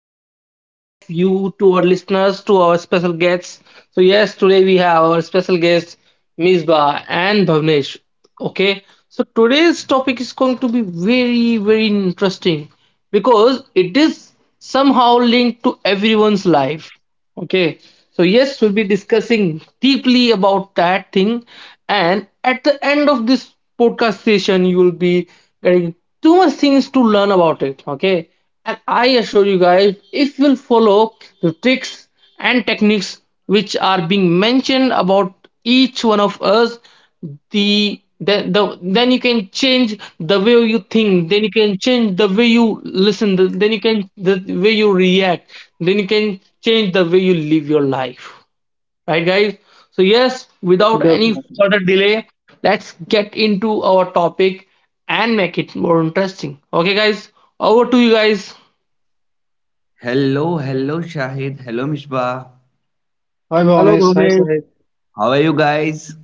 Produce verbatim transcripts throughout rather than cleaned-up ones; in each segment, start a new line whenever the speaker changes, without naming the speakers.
Welcome all of you to our listeners, to our special guests. So, yes, today we have our special guests, Misbah and Bhavnesh. Okay. So, today's topic is going to be very, very interesting because it is is somehow linked to everyone's life. Okay, so yes, we'll be discussing deeply about that thing, and at the end of this podcast session, you will be getting too much things to learn about it. Okay, and I assure you guys, if you'll follow the tricks and techniques which are being mentioned about each one of us, the then the then you can change the way you think, then you can change the way you listen, th- then you can the way you react, then you can change the way you live your life, right guys? So yes, without any
Definitely.
further delay, let's get into our topic and make it more interesting. Okay guys, over to you guys.
Hello, hello, Shahid. Hello, Mishbah.
Hi,
Hello,
Bhavnesh. Hi,
Bhuvnesh.
Sahib.
How are you guys?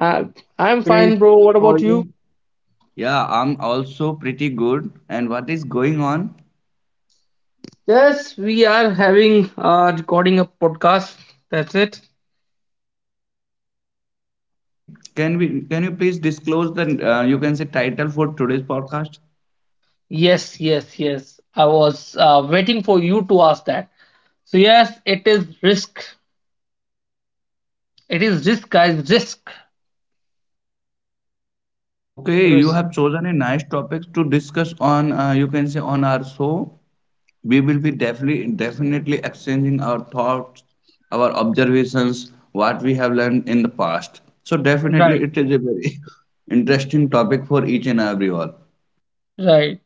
Uh, I'm
Great.
fine, bro. What
How are
about you?
you?
Yeah, I'm also pretty good. And what is going on?
Yes, we are having uh recording a podcast, that's it.
Okay, can we can you please disclose the uh, you can say title for today's podcast?
Yes, yes, yes. I was uh, waiting for you to ask that. So yes, it is risk. It is risk, guys. Risk.
Okay, you
Risk.
have chosen a nice topic to discuss on uh, you can say on our show. We will be definitely definitely exchanging our thoughts, our observations, what we have learned in the past. So definitely
Right.
it is a very interesting topic for each and everyone.
Right.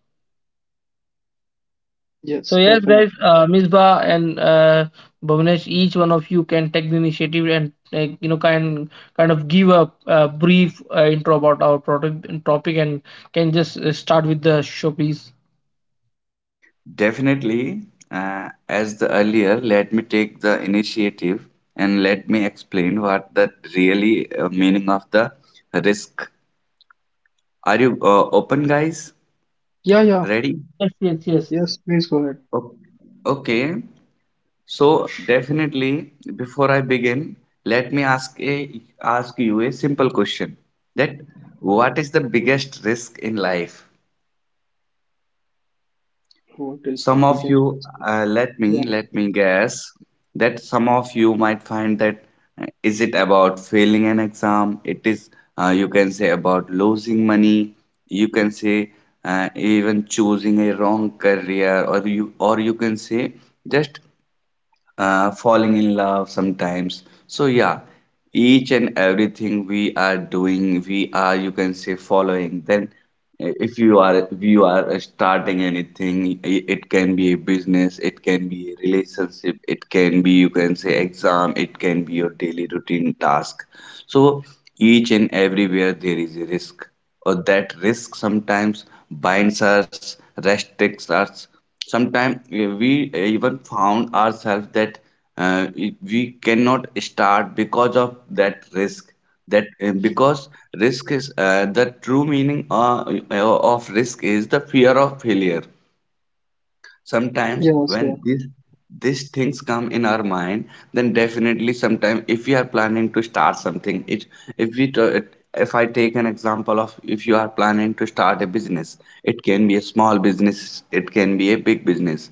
So
Yes,
yes, guys.
definitely.
Uh, Misbah and uh, Bhavnesh, each one of you can take the initiative and, like you know, kind kind of give a, uh brief uh, intro about our product topic and can just uh, start with the show, please.
Definitely, uh, as the earlier, let me take the initiative and let me explain what that really uh, meaning of the risk. Are you uh, open, guys?
Yeah, yeah.
Yes,
Ready?
yes, yes, yes.
Yes, please go ahead.
O- Okay. So definitely, before I begin, let me ask a ask you a simple question. That what is the biggest risk in life?
What is the
Some of
biggest
you,
risk?
uh, let me
Yeah.
let me guess that some of you might find that uh, is it about failing an exam? It is uh, you can say about losing money. You can say uh, even choosing a wrong career, or you or you can say just uh, falling in love sometimes. So yeah, each and everything we are doing, we are you can say following. Then i- if you are you are uh, starting anything, i- it can be a business, it can be a relationship, it can be you can say exam, it can be your daily routine task. So each and everywhere there is a risk, or that risk sometimes binds us, restricts us. Sometimes we even found ourselves that uh, we cannot start because of that risk. That uh, because risk is, uh, the true meaning, uh, eh, of risk is the fear of failure. Sometimes
Yeah,
when
sir.
these these things come in our mind, then definitely sometime if we are planning to start something. It if we t- If I take an example of, if you are planning to start a business, it can be a small business, it can be a big business,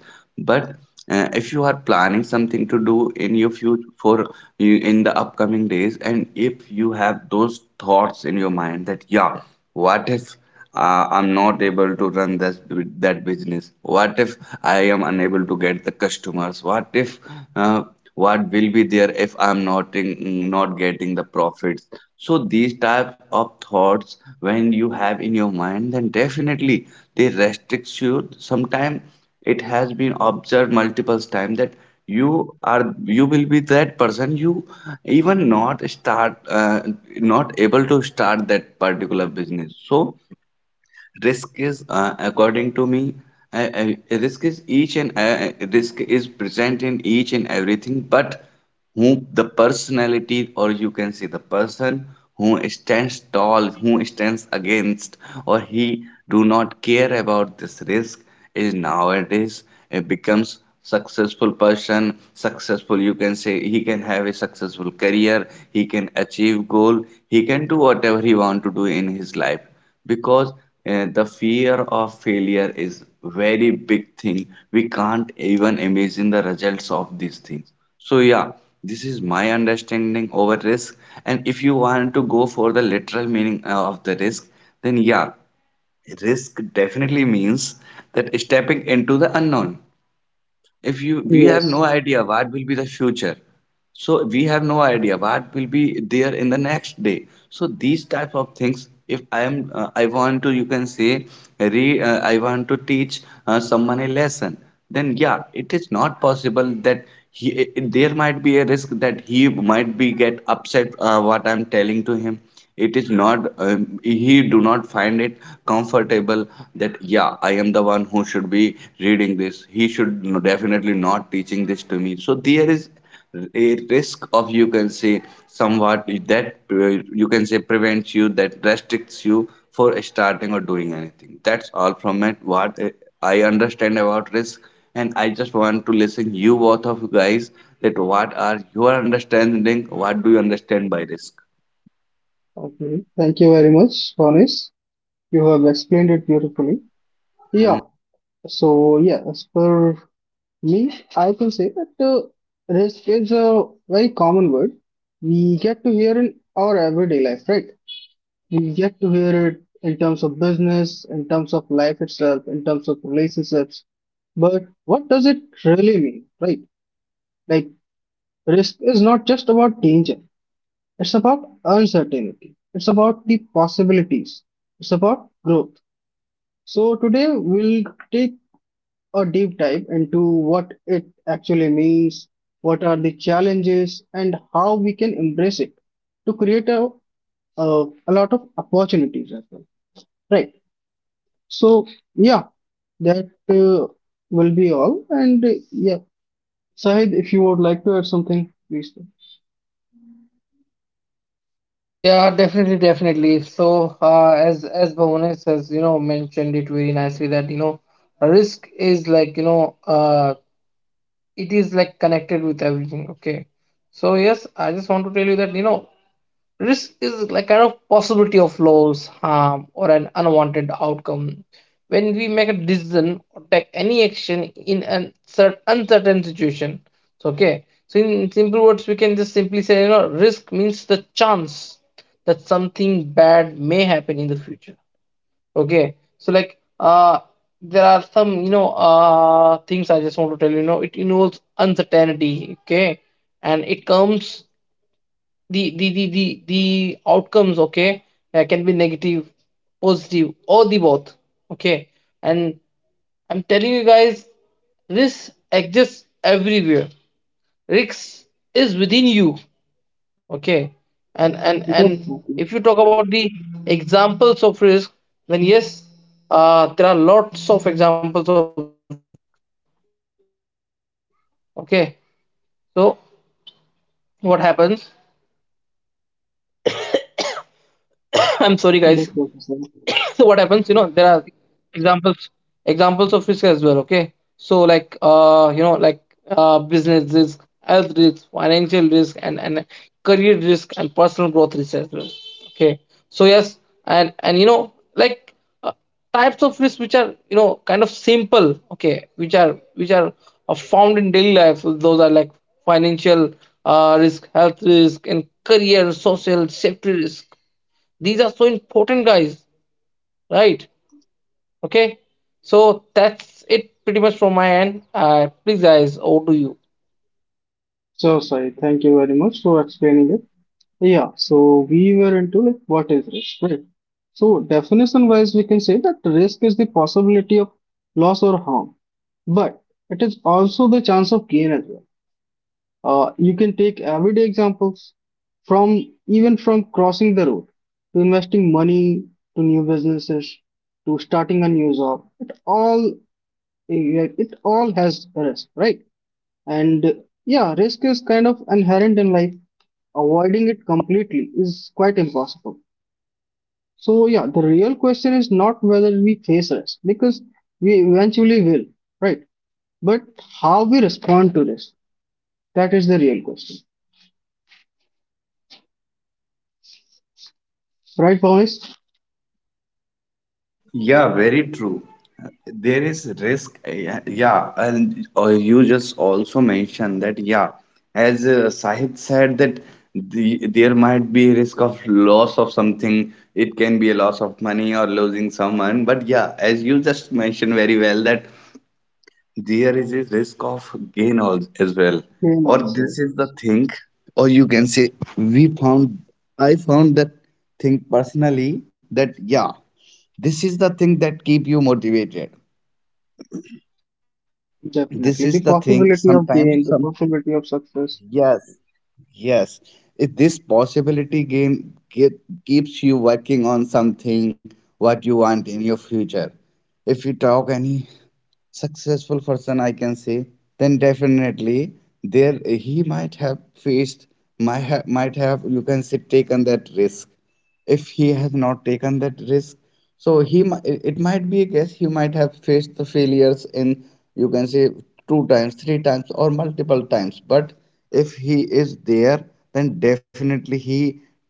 but uh, if you are planning something to do in your future for you in the upcoming days, and if you have those thoughts in your mind that yeah, what if uh, I'm not able to run this, that business? What if I am unable to get the customers? What if uh, what will be there if I'm not in, not getting the profits? So these types of thoughts when you have in your mind, then definitely they restricts you. Sometimes it has been observed multiple times that you are you will be that person you even not start uh, not able to start that particular business. So risk is, uh, according to me, I, I, risk is each and uh, uh, risk is present in each and everything. But who the personality, or you can say the person who stands tall, who stands against, or he do not care about this risk, is nowadays it becomes successful person, successful, you can say he can have a successful career, he can achieve goal, he can do whatever he want to do in his life. Because uh, the fear of failure is very big thing, we can't even imagine the results of these things. So yeah, this is my understanding over risk. And if you want to go for the literal meaning uh, of the risk, then yeah, risk definitely means that stepping into the unknown. If you we have no
Yes.
idea what will be the future, so we have no idea what will be there in the next day. So these type of things, if I am uh, I want to you can say re, uh, I want to teach uh, someone a lesson, then yeah, it is not possible that he eh, eh, there might be a risk that he might be get upset, uh, what I'm telling to him. It is not, um, he do not find it comfortable. That yeah, I am the one who should be reading this, he should definitely not teaching this to me. So there is a risk of, you can say, somewhat that uh, you can say prevents you, that restricts you for starting or doing anything. That's all from it what uh, I understand about risk. And I just want to listen you, both of you guys, that what are your understanding, what do you understand by risk?
Okay. Thank you very much, Bhavnesh. You have explained it beautifully. Yeah. So, yeah, as per me, I can say that uh, risk is a very common word we get to hear in our everyday life, right? You get to hear it in terms of business, in terms of life itself, in terms of relationships. But what does it really mean, right? Like, risk is not just about danger, it's about uncertainty, it's about the possibilities, it's about growth. So, today we'll take a deep dive into what it actually means, what are the challenges, and how we can embrace it to create a, a, a lot of opportunities as well, right? So, yeah, That uh, will be all. And uh, yeah, Sahid, if you would like to add something, please do.
Yeah, definitely, definitely. So, uh, as as Bhuvanesh has, you know, mentioned it very nicely that, you know, risk is, like you know, uh it is like connected with everything. Okay, so yes, I just want to tell you that, you know, risk is like kind of possibility of loss, harm, or an unwanted outcome. When we make a decision or take any action in an cer- uncertain situation, so okay. So in simple words, we can just simply say, you know, risk means the chance that something bad may happen in the future. Okay. So like, uh, there are some, you know, uh, things I just want to tell you. You know, it involves uncertainty. Okay, and it comes the the the the, the outcomes, okay, uh, can be negative, positive, or the both. Okay, and I'm telling you guys, risk exists everywhere. Risk is within you.
That's okay.
I'm sorry, guys. So
That's
what happens?
okay,
You know,
Sahid.
there are examples examples of risk as well. Okay, so like, uh, you know, like, uh, business risk, health risk, financial risk, and and career risk, and personal growth risk as well. Okay, so yes, and and you know, like, uh, types of risk which are, you know, kind of simple. Okay, which are which are uh, found in daily life. Those are like financial uh, risk, health risk, and career, social safety risk. These are so important, guys, right? Okay, so that's it pretty much from my end. Uh please guys, over to you.
So, Sahid, thank you very much for explaining it. Yeah, so we were into like what is risk, right? So, definition wise, we can say that risk is the possibility of loss or harm, but it is also the chance of gain as well. Uh, you can take everyday examples from even from crossing the road to investing money to new businesses to starting a new job. It all, yeah, it all has risk, right? And yeah, risk is kind of inherent in life. Avoiding it completely is quite impossible. So yeah, the real question is not whether we face risk because we eventually will, right? But how we respond to risk. That is the real question. Right, Pawan?
Yeah, very true. There is risk. eh, Yeah, and uh, you just also mentioned that, yeah, as uh, Sahid said, that the, there might be a risk of loss of something. It can be a loss of money or losing someone. But yeah, as you just mentioned very well, that there is a risk of gain al- as well.
Gain
Or
also,
this is the thing, or you can say, we found, I found that thing personally that, yeah, this is the thing that keep you motivated, this is the
definitely.
thing
The
sometimes
possibility of
some.
gain, the possibility of success.
Yes, yes. If this possibility game keep, keeps you working on something what you want in your future, if you talk any successful person, I can say, then definitely there he might have faced might have, might have you can say taken that risk. If he has not taken that risk, so he mi- it it might be a guess, he might have faced the failures in, you can say, two times, three times, or multiple times. But if he is there, then definitely he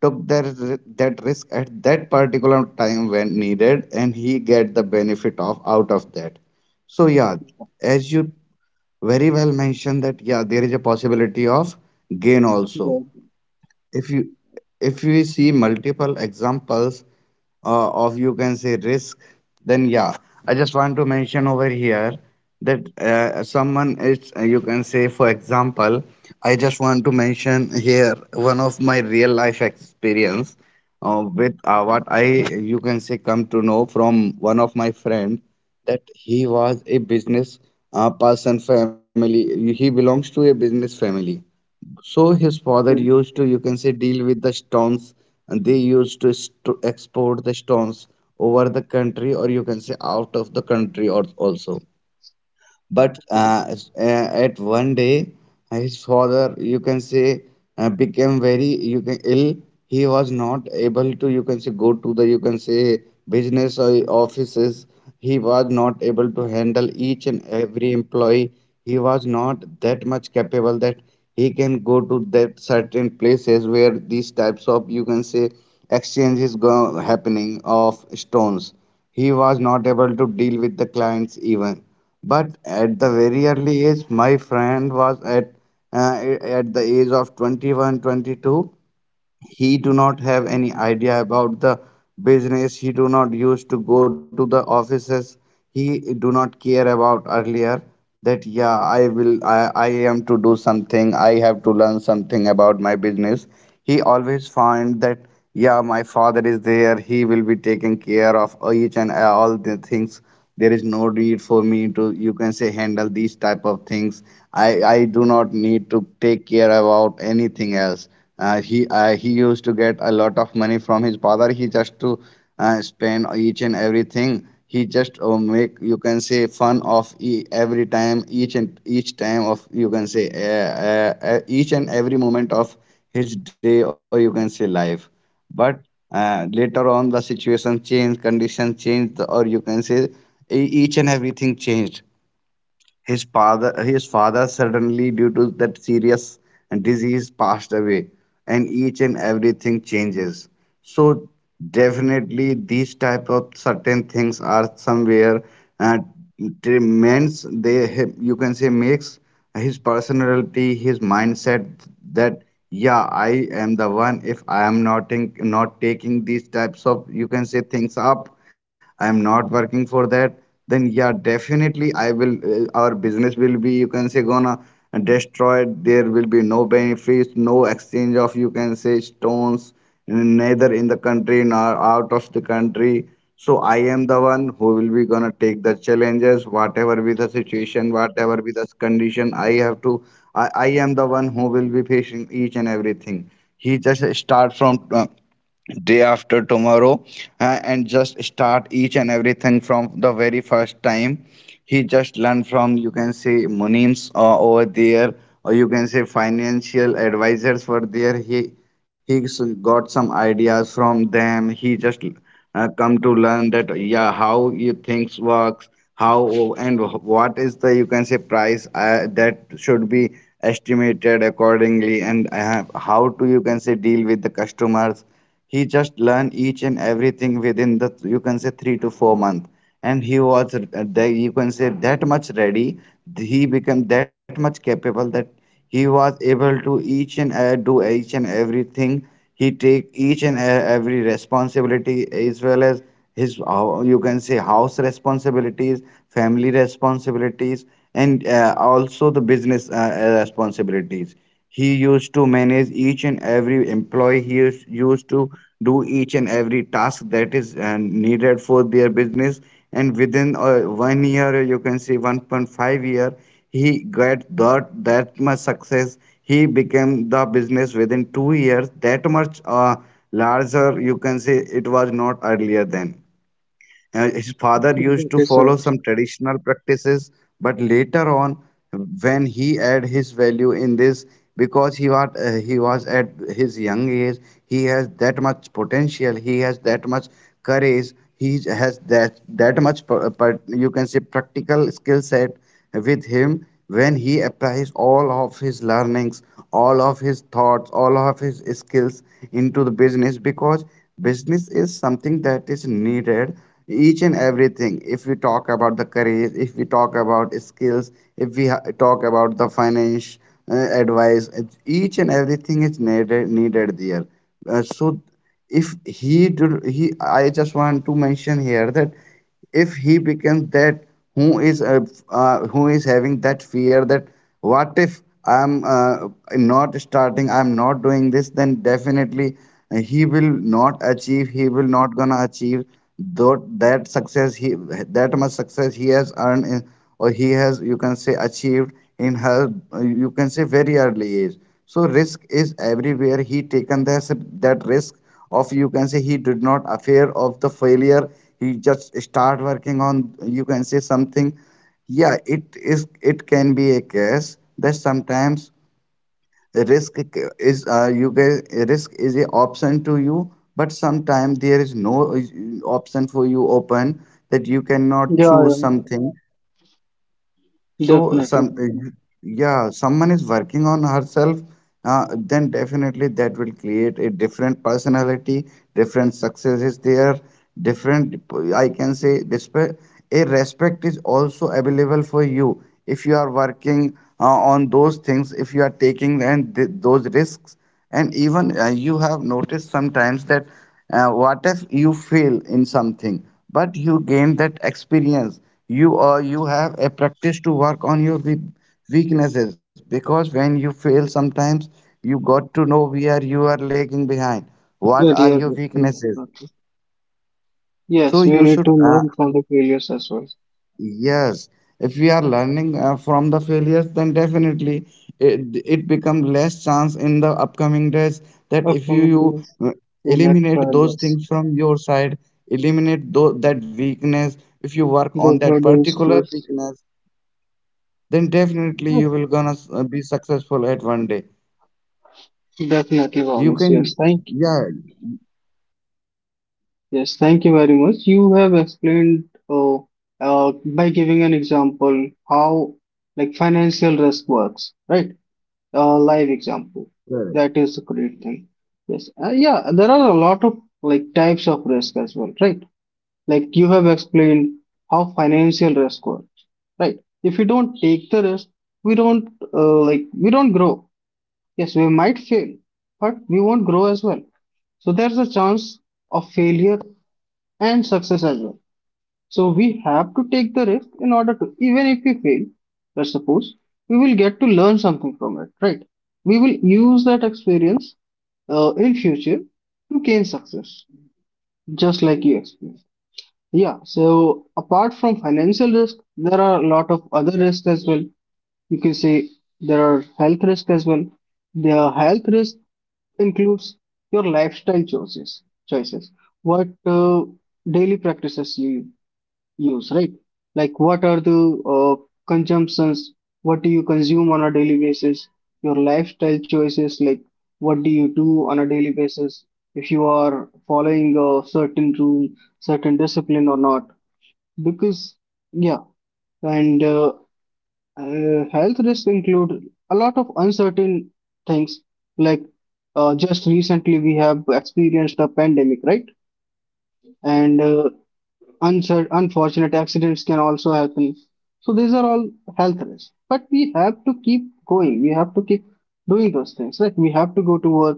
took that ri- that risk at that particular time when needed, and he get the benefit of out of that. So yeah, as you very well mentioned that yeah, there is a possibility of gain also.
Yeah,
If you if we see multiple examples uh, of you can say risk, then yeah, I just want to mention over here that uh, someone is uh, you can say, for example, I just want to mention here one of my real life experience uh, with uh, what I, you can say, come to know from one of my friend. That he was a business uh, person family, he belongs to a business family. So his father
okay.
used to, you can say, deal with the stones, and they used to st- export the stones over the country, or you can say out of the country, or also. But
Okay.
uh, s- uh, at one day his father, you can say, uh, became very, you can ill, he was not able to, you can say, go to the, you can say, business or offices. He was not able to handle each and every employee. He was not that much capable that he can go to that certain places where these types of, you can say, exchanges go happening of stones. He was not able to deal with the clients even. But at the very early age, my friend was at uh, at the age of twenty-one, twenty-two. He do not have any idea about the business, he do not used to go to the offices, he do not care about earlier. That yeah, i will i, I am to do something, I have to learn something about my business. He always find that yeah, my father is there, he will be taking care of each and all the things, there is no need for me to, you can say, handle these type of things. I i do not need to take care about anything else. Uh, he uh, he used to get a lot of money from his father. He just to uh, spend each and everything. He just uh, make, you can say, fun of e- every time, each and each time of, you can say, uh, uh, uh, each and every moment of his day or, you can say, life. But uh, later on the situation changed, condition changed, or you can say e- each and everything changed. His father, his father suddenly, due to that serious disease, passed away, and each and everything changes. So definitely, these type of certain things are somewhere uh, demands, they have- you can say makes his personality, his mindset, that yeah, I am the one. If I am not in, not taking these types of you can say things up, I'm not working for that, then yeah definitely I will, uh, our business will be you can say gonna destroyed. There will be no benefits, no exchange of you can say stones, neither in the country nor out of the country. So I am the one who will be gonna take the challenges, whatever be the situation, whatever be the condition. I have to i, I am the one who will be facing each and everything. He just start from uh, day after tomorrow, uh, and just start each and everything from the very first time. He just learned from you can say Munim's uh, over there, or you can say financial advisors were there. He he s- got some ideas from them. He just uh, come to learn that yeah, how you things works, how, and what is the you can say price uh, that should be estimated accordingly, and uh, how to you can say deal with the customers. He just learned each and everything within the you can say three to four month, and he was uh, the, you can say that much ready. He became that much capable that he was able to each and uh, do each and everything. He take each and uh, every responsibility, as well as his uh, you can say house responsibilities, family responsibilities, and uh, also the business uh, uh, responsibilities. He used to manage each and every employee. He used used to do each and every task that is uh, needed for their business. And within uh, one year, you can say one point five year, he got that that much success. He became the business within two years. That much uh, larger, you can say it was not earlier then. Uh, his father used
That
to
is, uh,
follow some traditional practices, but later on, when he add his value in this, because he was uh, he was at his young age, he has that much potential. He has that much courage. He has that that much, per, per- you can say practical skill set with him. When he applies all of his learnings, all of his thoughts, all of his skills into the business, because business is something that is needed each and everything. If we talk about the career, if we talk about skills, if we ha- talk about the finance uh, advice, it's each and everything is needed needed there. Uh, so if he do, he i just want to mention here that if he becomes that who is uh, uh, who is having that fear, that what if i'm uh, not starting, i'm not doing this, then definitely uh, he will not achieve he will not gonna achieve that that success he that much success he has earned in, or he has you can say achieved in her uh, you can say very early age. So risk is everywhere. He taken this, that risk of you can say he did not affair of the failure. He just start working on you can say something. Yeah, it is it can be a case that sometimes risk is uh, you guys, risk is a option to you. But sometimes there is no uh, option for you open, that you cannot
yeah,
choose
yeah,
something. So
definitely.
some
Definitely.
yeah, someone is working on herself, uh, then definitely that will create a different personality, different success is there, different, I can say, respect. A respect is also available for you if you are working uh, on those things, if you are taking and th- those risks. And even uh, you have noticed sometimes that uh, what if you fail in something, but you gain that experience. You, or you have a practice to work on your we- weaknesses, because when you fail sometimes you got to know where you are lagging behind, what are
That
your
you are
weaknesses.
right, definitely.
So
Yes,
you
we need
should,
to
uh,
learn from the failures as well.
yes, if we are learning uh, from the failures, then definitely it, it becomes less chance in the upcoming days, that if you,
Upcoming
you
days,
uh,
the next
eliminate those
failures.
things from your side, eliminate tho- that weakness, if you work on
Those
that
were the
particular
issues.
weakness, then definitely you
Yes,
will gonna s- uh, be successful at one day.
definitely,
You
honest. Yes,
can,
thank,
yeah,
yes, thank you very much. You have explained uh, uh, by giving an example how like financial risk works, right? Uh, live example.
correct.
That is a great thing. Yes. Uh, yeah, there are a lot of like types of risk as well, right? Like you have explained how financial risk works, right? If we don't take the risk, we don't uh, like we don't grow. Yes, we might fail, but we won't grow as well. So there's a chance of failure and success as well. So we have to take the risk in order to, even if we fail, let's suppose, we will get to learn something from it, right? We will use that experience uh, in future to gain success, just like you explained. Yeah, so apart from financial risk, there are a lot of other risks as well. You can say there are health risks as well. The health risk includes your lifestyle choices, choices, what uh, daily practices you use, right? Like, what are the uh, consumptions? What do you consume on a daily basis? Your lifestyle choices, like, what do you do on a daily basis? If you are following a certain rule, certain discipline or not? Because, yeah, and uh, uh, health risks include a lot of uncertain things, like, uh, just recently we have experienced a pandemic, right? And uh, uncer- unfortunate accidents can also happen. So these are all health risks. But we have to keep going. We have to keep doing those things. Right? We have to go to work.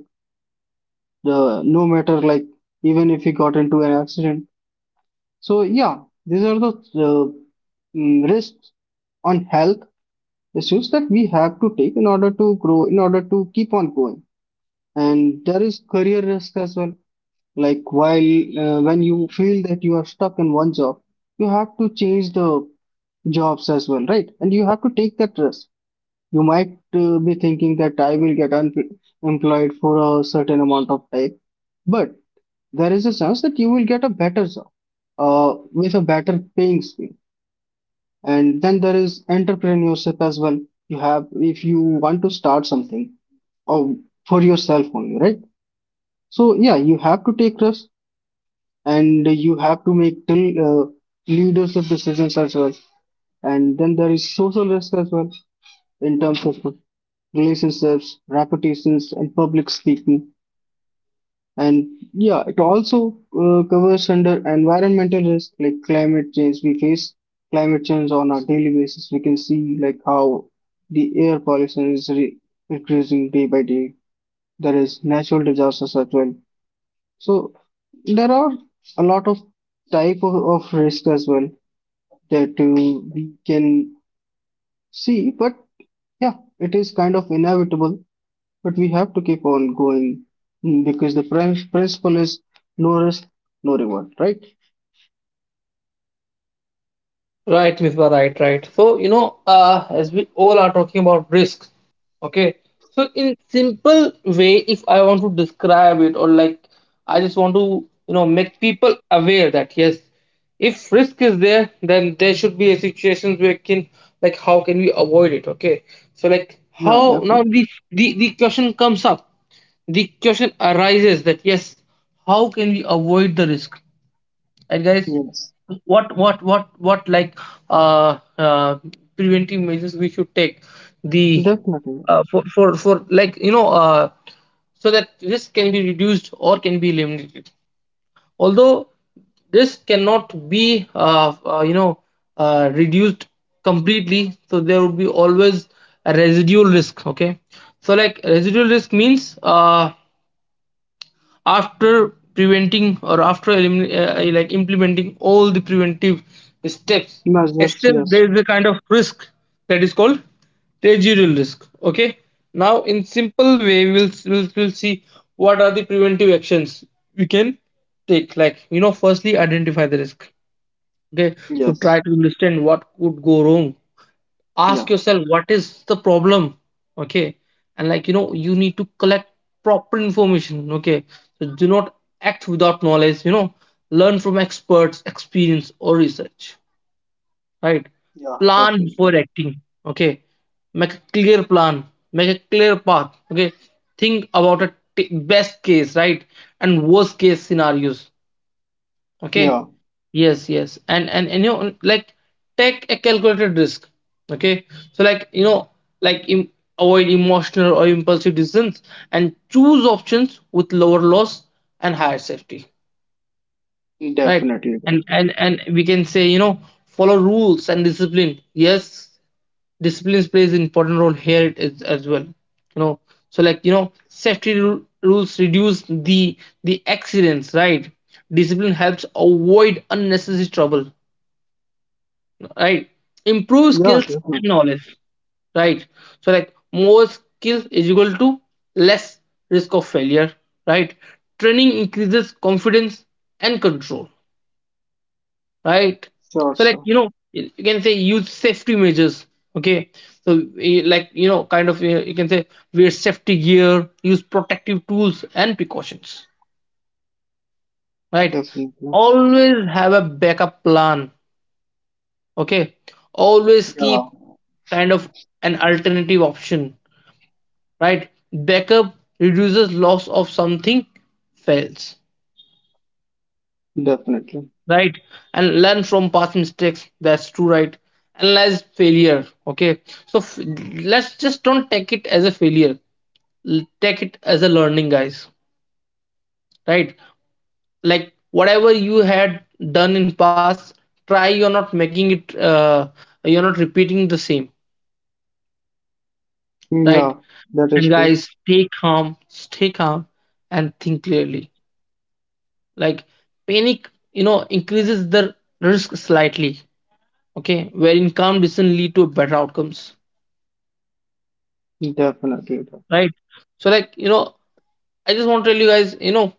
The no matter like even if we got into an accident. So yeah, these are the uh, mm, risks on health issues that we have to take in order to grow, in order to keep on going. And there is career risk as well. Like while uh, when you feel that you are stuck in one job, you have to change the jobs as well, right? And you have to take that risk. You might uh, be thinking that I will get unemployed for a certain amount of time, but there is a chance that you will get a better job uh, with a better paying scheme. And then there is entrepreneurship as well. You have, if you want to start something or for yourself only, right? So yeah, you have to take risks and you have to make till uh, leadership decisions as well. And then there is social risk as well in terms of relationships, reputations, and public speaking. And yeah, it also uh, covers under environmental risk like climate change. We face climate change on a daily basis. We can see like how the air pollution is re- increasing day by day. There is natural disasters as well. So there are a lot of type of, of risk as well that uh, we can see. But yeah, it is kind of inevitable. But we have to keep on going, mm, because the prin- principle is no risk, no reward, right?
Right, Misbah, right, right. So, you know, uh, as we all are talking about risks, okay? So, in simple way, if I want to describe it, or like I just want to, you know, make people aware that yes, if risk is there, then there should be a situations where can, like, how can we avoid it, okay? So, like
Yeah,
how now
definitely.
the the, the question comes up, the question arises that yes, how can we avoid the risk? And guys,
Yes,
what what what what like uh, uh preventive measures we should take the
definitely.
uh, for for for like you know uh so that risk can be reduced or can be eliminated. Although this cannot be uh, uh, you know, uh, reduced completely, so there would be always a residual risk. Okay, so like residual risk means, uh, after preventing or after elimin- uh, uh, like implementing all the preventive steps,
Measures,
still
yes.
there is a kind of risk that is called residual risk. Okay, now in simple way, we will we'll, we'll see what are the preventive actions we can take, like you know, firstly identify the risk. Okay, so
Yes.
try to understand what could go wrong. Ask
Yeah.
yourself, what is the problem? Okay, and like you know, you need to collect proper information. Okay, so do not act without knowledge, you know. Learn from experts experience or research, right?
Yeah,
Plan
definitely.
before acting. Okay, make a clear plan, make a clear path. Okay, think about a t- best case, right, and worst case scenarios. Okay,
Yeah,
yes, yes, and and, and you know, like, take a calculated risk. Okay, so like you know, like, im- avoid emotional or impulsive decisions, and choose options with lower loss and higher safety, right?
definitely,
and and
definitely.
and we can say, you know, follow rules and discipline. Yes, disciplines plays an important role here, it is as well, you know. So like you know, safety ru- rules reduce the the accidents, right? Discipline helps avoid unnecessary trouble, right? Improve
Yeah,
skills and
definitely.
knowledge, right? So like, more skills is equal to less risk of failure, right? Training increases confidence and control, right?
Sure,
So like
sure.
you know, you you can say, use safety measures. Okay, so eh, like you know, kind of, eh, you can say, wear safety gear, use protective tools and precautions, right?
Definitely.
Always have a backup plan. Okay, always
Yeah,
keep kind of an alternative option, right? Backup reduces loss of something fails.
definitely.
Right, and learn from past mistakes, that's true, right? Analyze failure. Okay, so f- let's just don't take it as a failure. L- take it as a learning, guys, right? Like whatever you had done in past, try you're not making it, uh, you're not repeating the same,
Yeah,
right?
that
And
is true.
guys, stay calm stay calm and think clearly. Like panic, you know, increases the risk slightly. Okay, wherein calm decision lead to better outcomes,
Definitely, definitely.
right? So like you know, I just want to tell you guys, you know,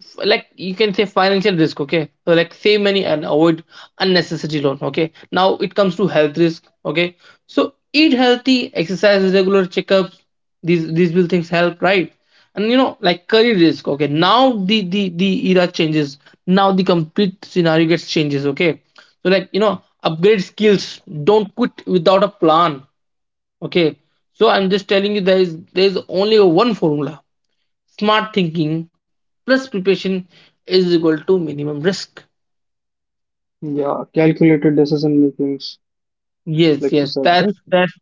f- like you can say financial risk, okay? So like, save money and avoid unnecessary loan, okay? Now it comes to health risk, okay? So eat healthy, exercise, regular checkups. These these will things help, right? And you know, like career risk, okay? Now the the the era changes. Now the complete scenario gets changes, okay? So like you know, upgrade skills. Don't quit without a plan. Okay, so I'm just telling you, there is there is only one formula. Smart thinking plus preparation is equal to minimum risk.
Yeah, calculated decision makings,
Yes,
like you
yes,
said,
that's
right?
that's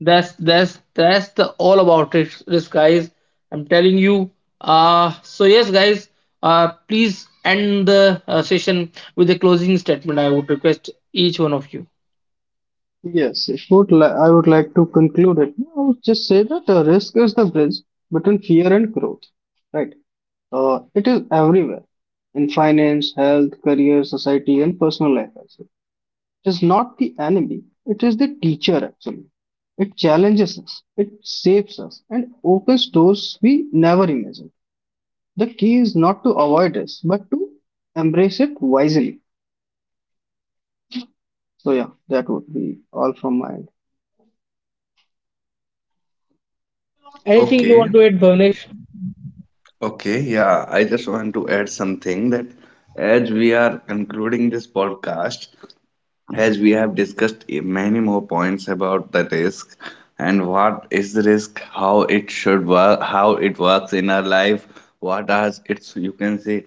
that's that's that's the all about it, risk, guys. I'm telling you. Uh so yes, guys. Uh, please end the uh, session with a closing statement. I would request each one of you.
Yes, it would li- I would like to conclude it. I would just say that uh, risk is the bridge between fear and growth, right? Uh, it is everywhere in finance, health, career, society, and personal life also. It is not the enemy, it is the teacher actually. It challenges us, it saves us, and opens doors we never imagined. The key is not to avoid risk, but to embrace it wisely. So, yeah, that would be all from my end.
Anything you
Okay,
want to add, Bhavnesh?
okay, yeah. I just want to add something, that as we are concluding this podcast, as we have discussed eh, many more points about the risk, and what is the risk, how it should work, how it works in our life, what are its you can say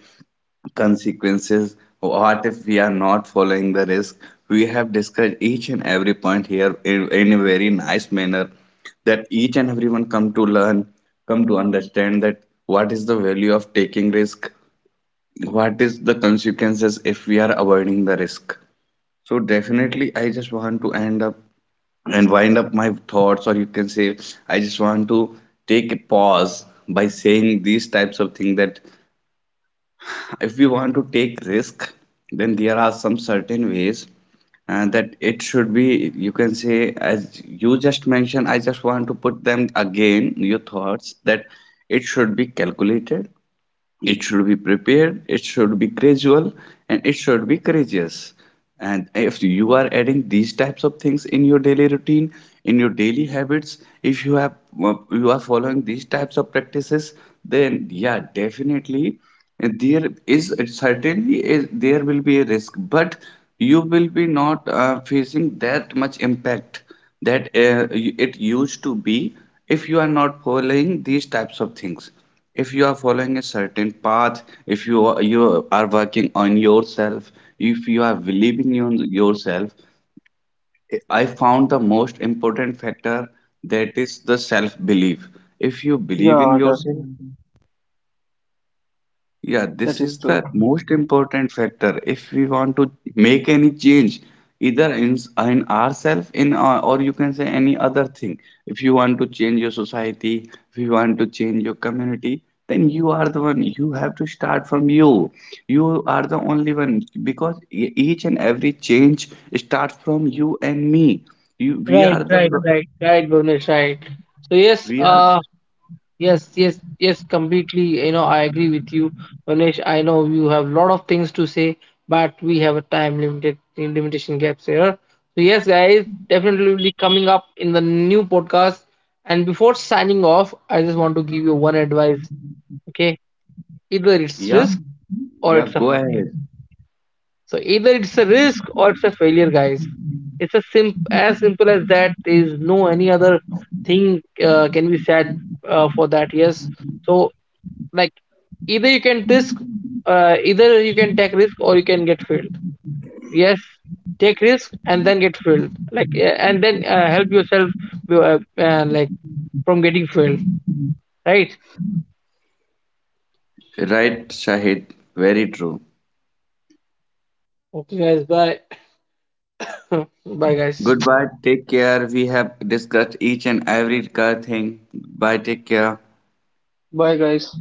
consequences, what if we are not following the risk. We have discussed each and every point here in, in a very nice manner, that each and everyone come to learn, come to understand that what is the value of taking risk, what is the consequences if we are avoiding the risk. So definitely, I just want to end up and wind up my thoughts, or you can say, I just want to take a pause by saying these types of things, that if we want to take risk, then there are some certain ways uh, that it should be, you can say, as you just mentioned, I just want to put them again, your thoughts, that it should be calculated, it should be prepared, it should be gradual, and it should be courageous. And if you are adding these types of things in your daily routine, in your daily habits, if you have, uh, you are following these types of practices, then yeah definitely uh, there is certainly is, there will be a risk, but you will be not uh, facing that much impact that uh, it used to be if you are not following these types of things. If you are following a certain path, if you are, you are working on yourself, if you are believing in yourself, I found the most important factor, that is the self belief. If you believe in
Yeah, that,
yourself, yeah,
that
this
is
is
true.
the most important factor if we want to make any change, either in, in ourselves, in uh, or you can say any other thing. If you want to change your society, if you want to change your community, then you are the one. You have to start from you. You are the only one, because e- each and every change starts from you and me. You, we
Right,
are the,
right, right, right, Bhavnesh, right. So yes,
we are,
uh, yes, yes, yes, completely. You know, I agree with you, Manish. I know you have a lot of things to say, but we have a time limited limitation gaps here. So yes, guys, definitely will be coming up in the new podcast. And before signing off, I just want to give you one advice. Okay, either it's
yeah,
risk or
yeah.
it's a
Go
failure.
ahead.
So either it's a risk or it's a failure, guys. It's a sim as simple as that. There is no any other thing uh, can be said uh, for that. Yes. So like, either you can risk, uh, either you can take risk or you can get failed. Yes, take risk and then get failed, like, uh, and then uh, help yourself uh, uh, like from getting failed, right?
Right, Shahid. Very true.
Okay guys, bye. Bye guys.
Goodbye. Take care. We have discussed each and every car thing. Bye. Take care.
Bye, guys.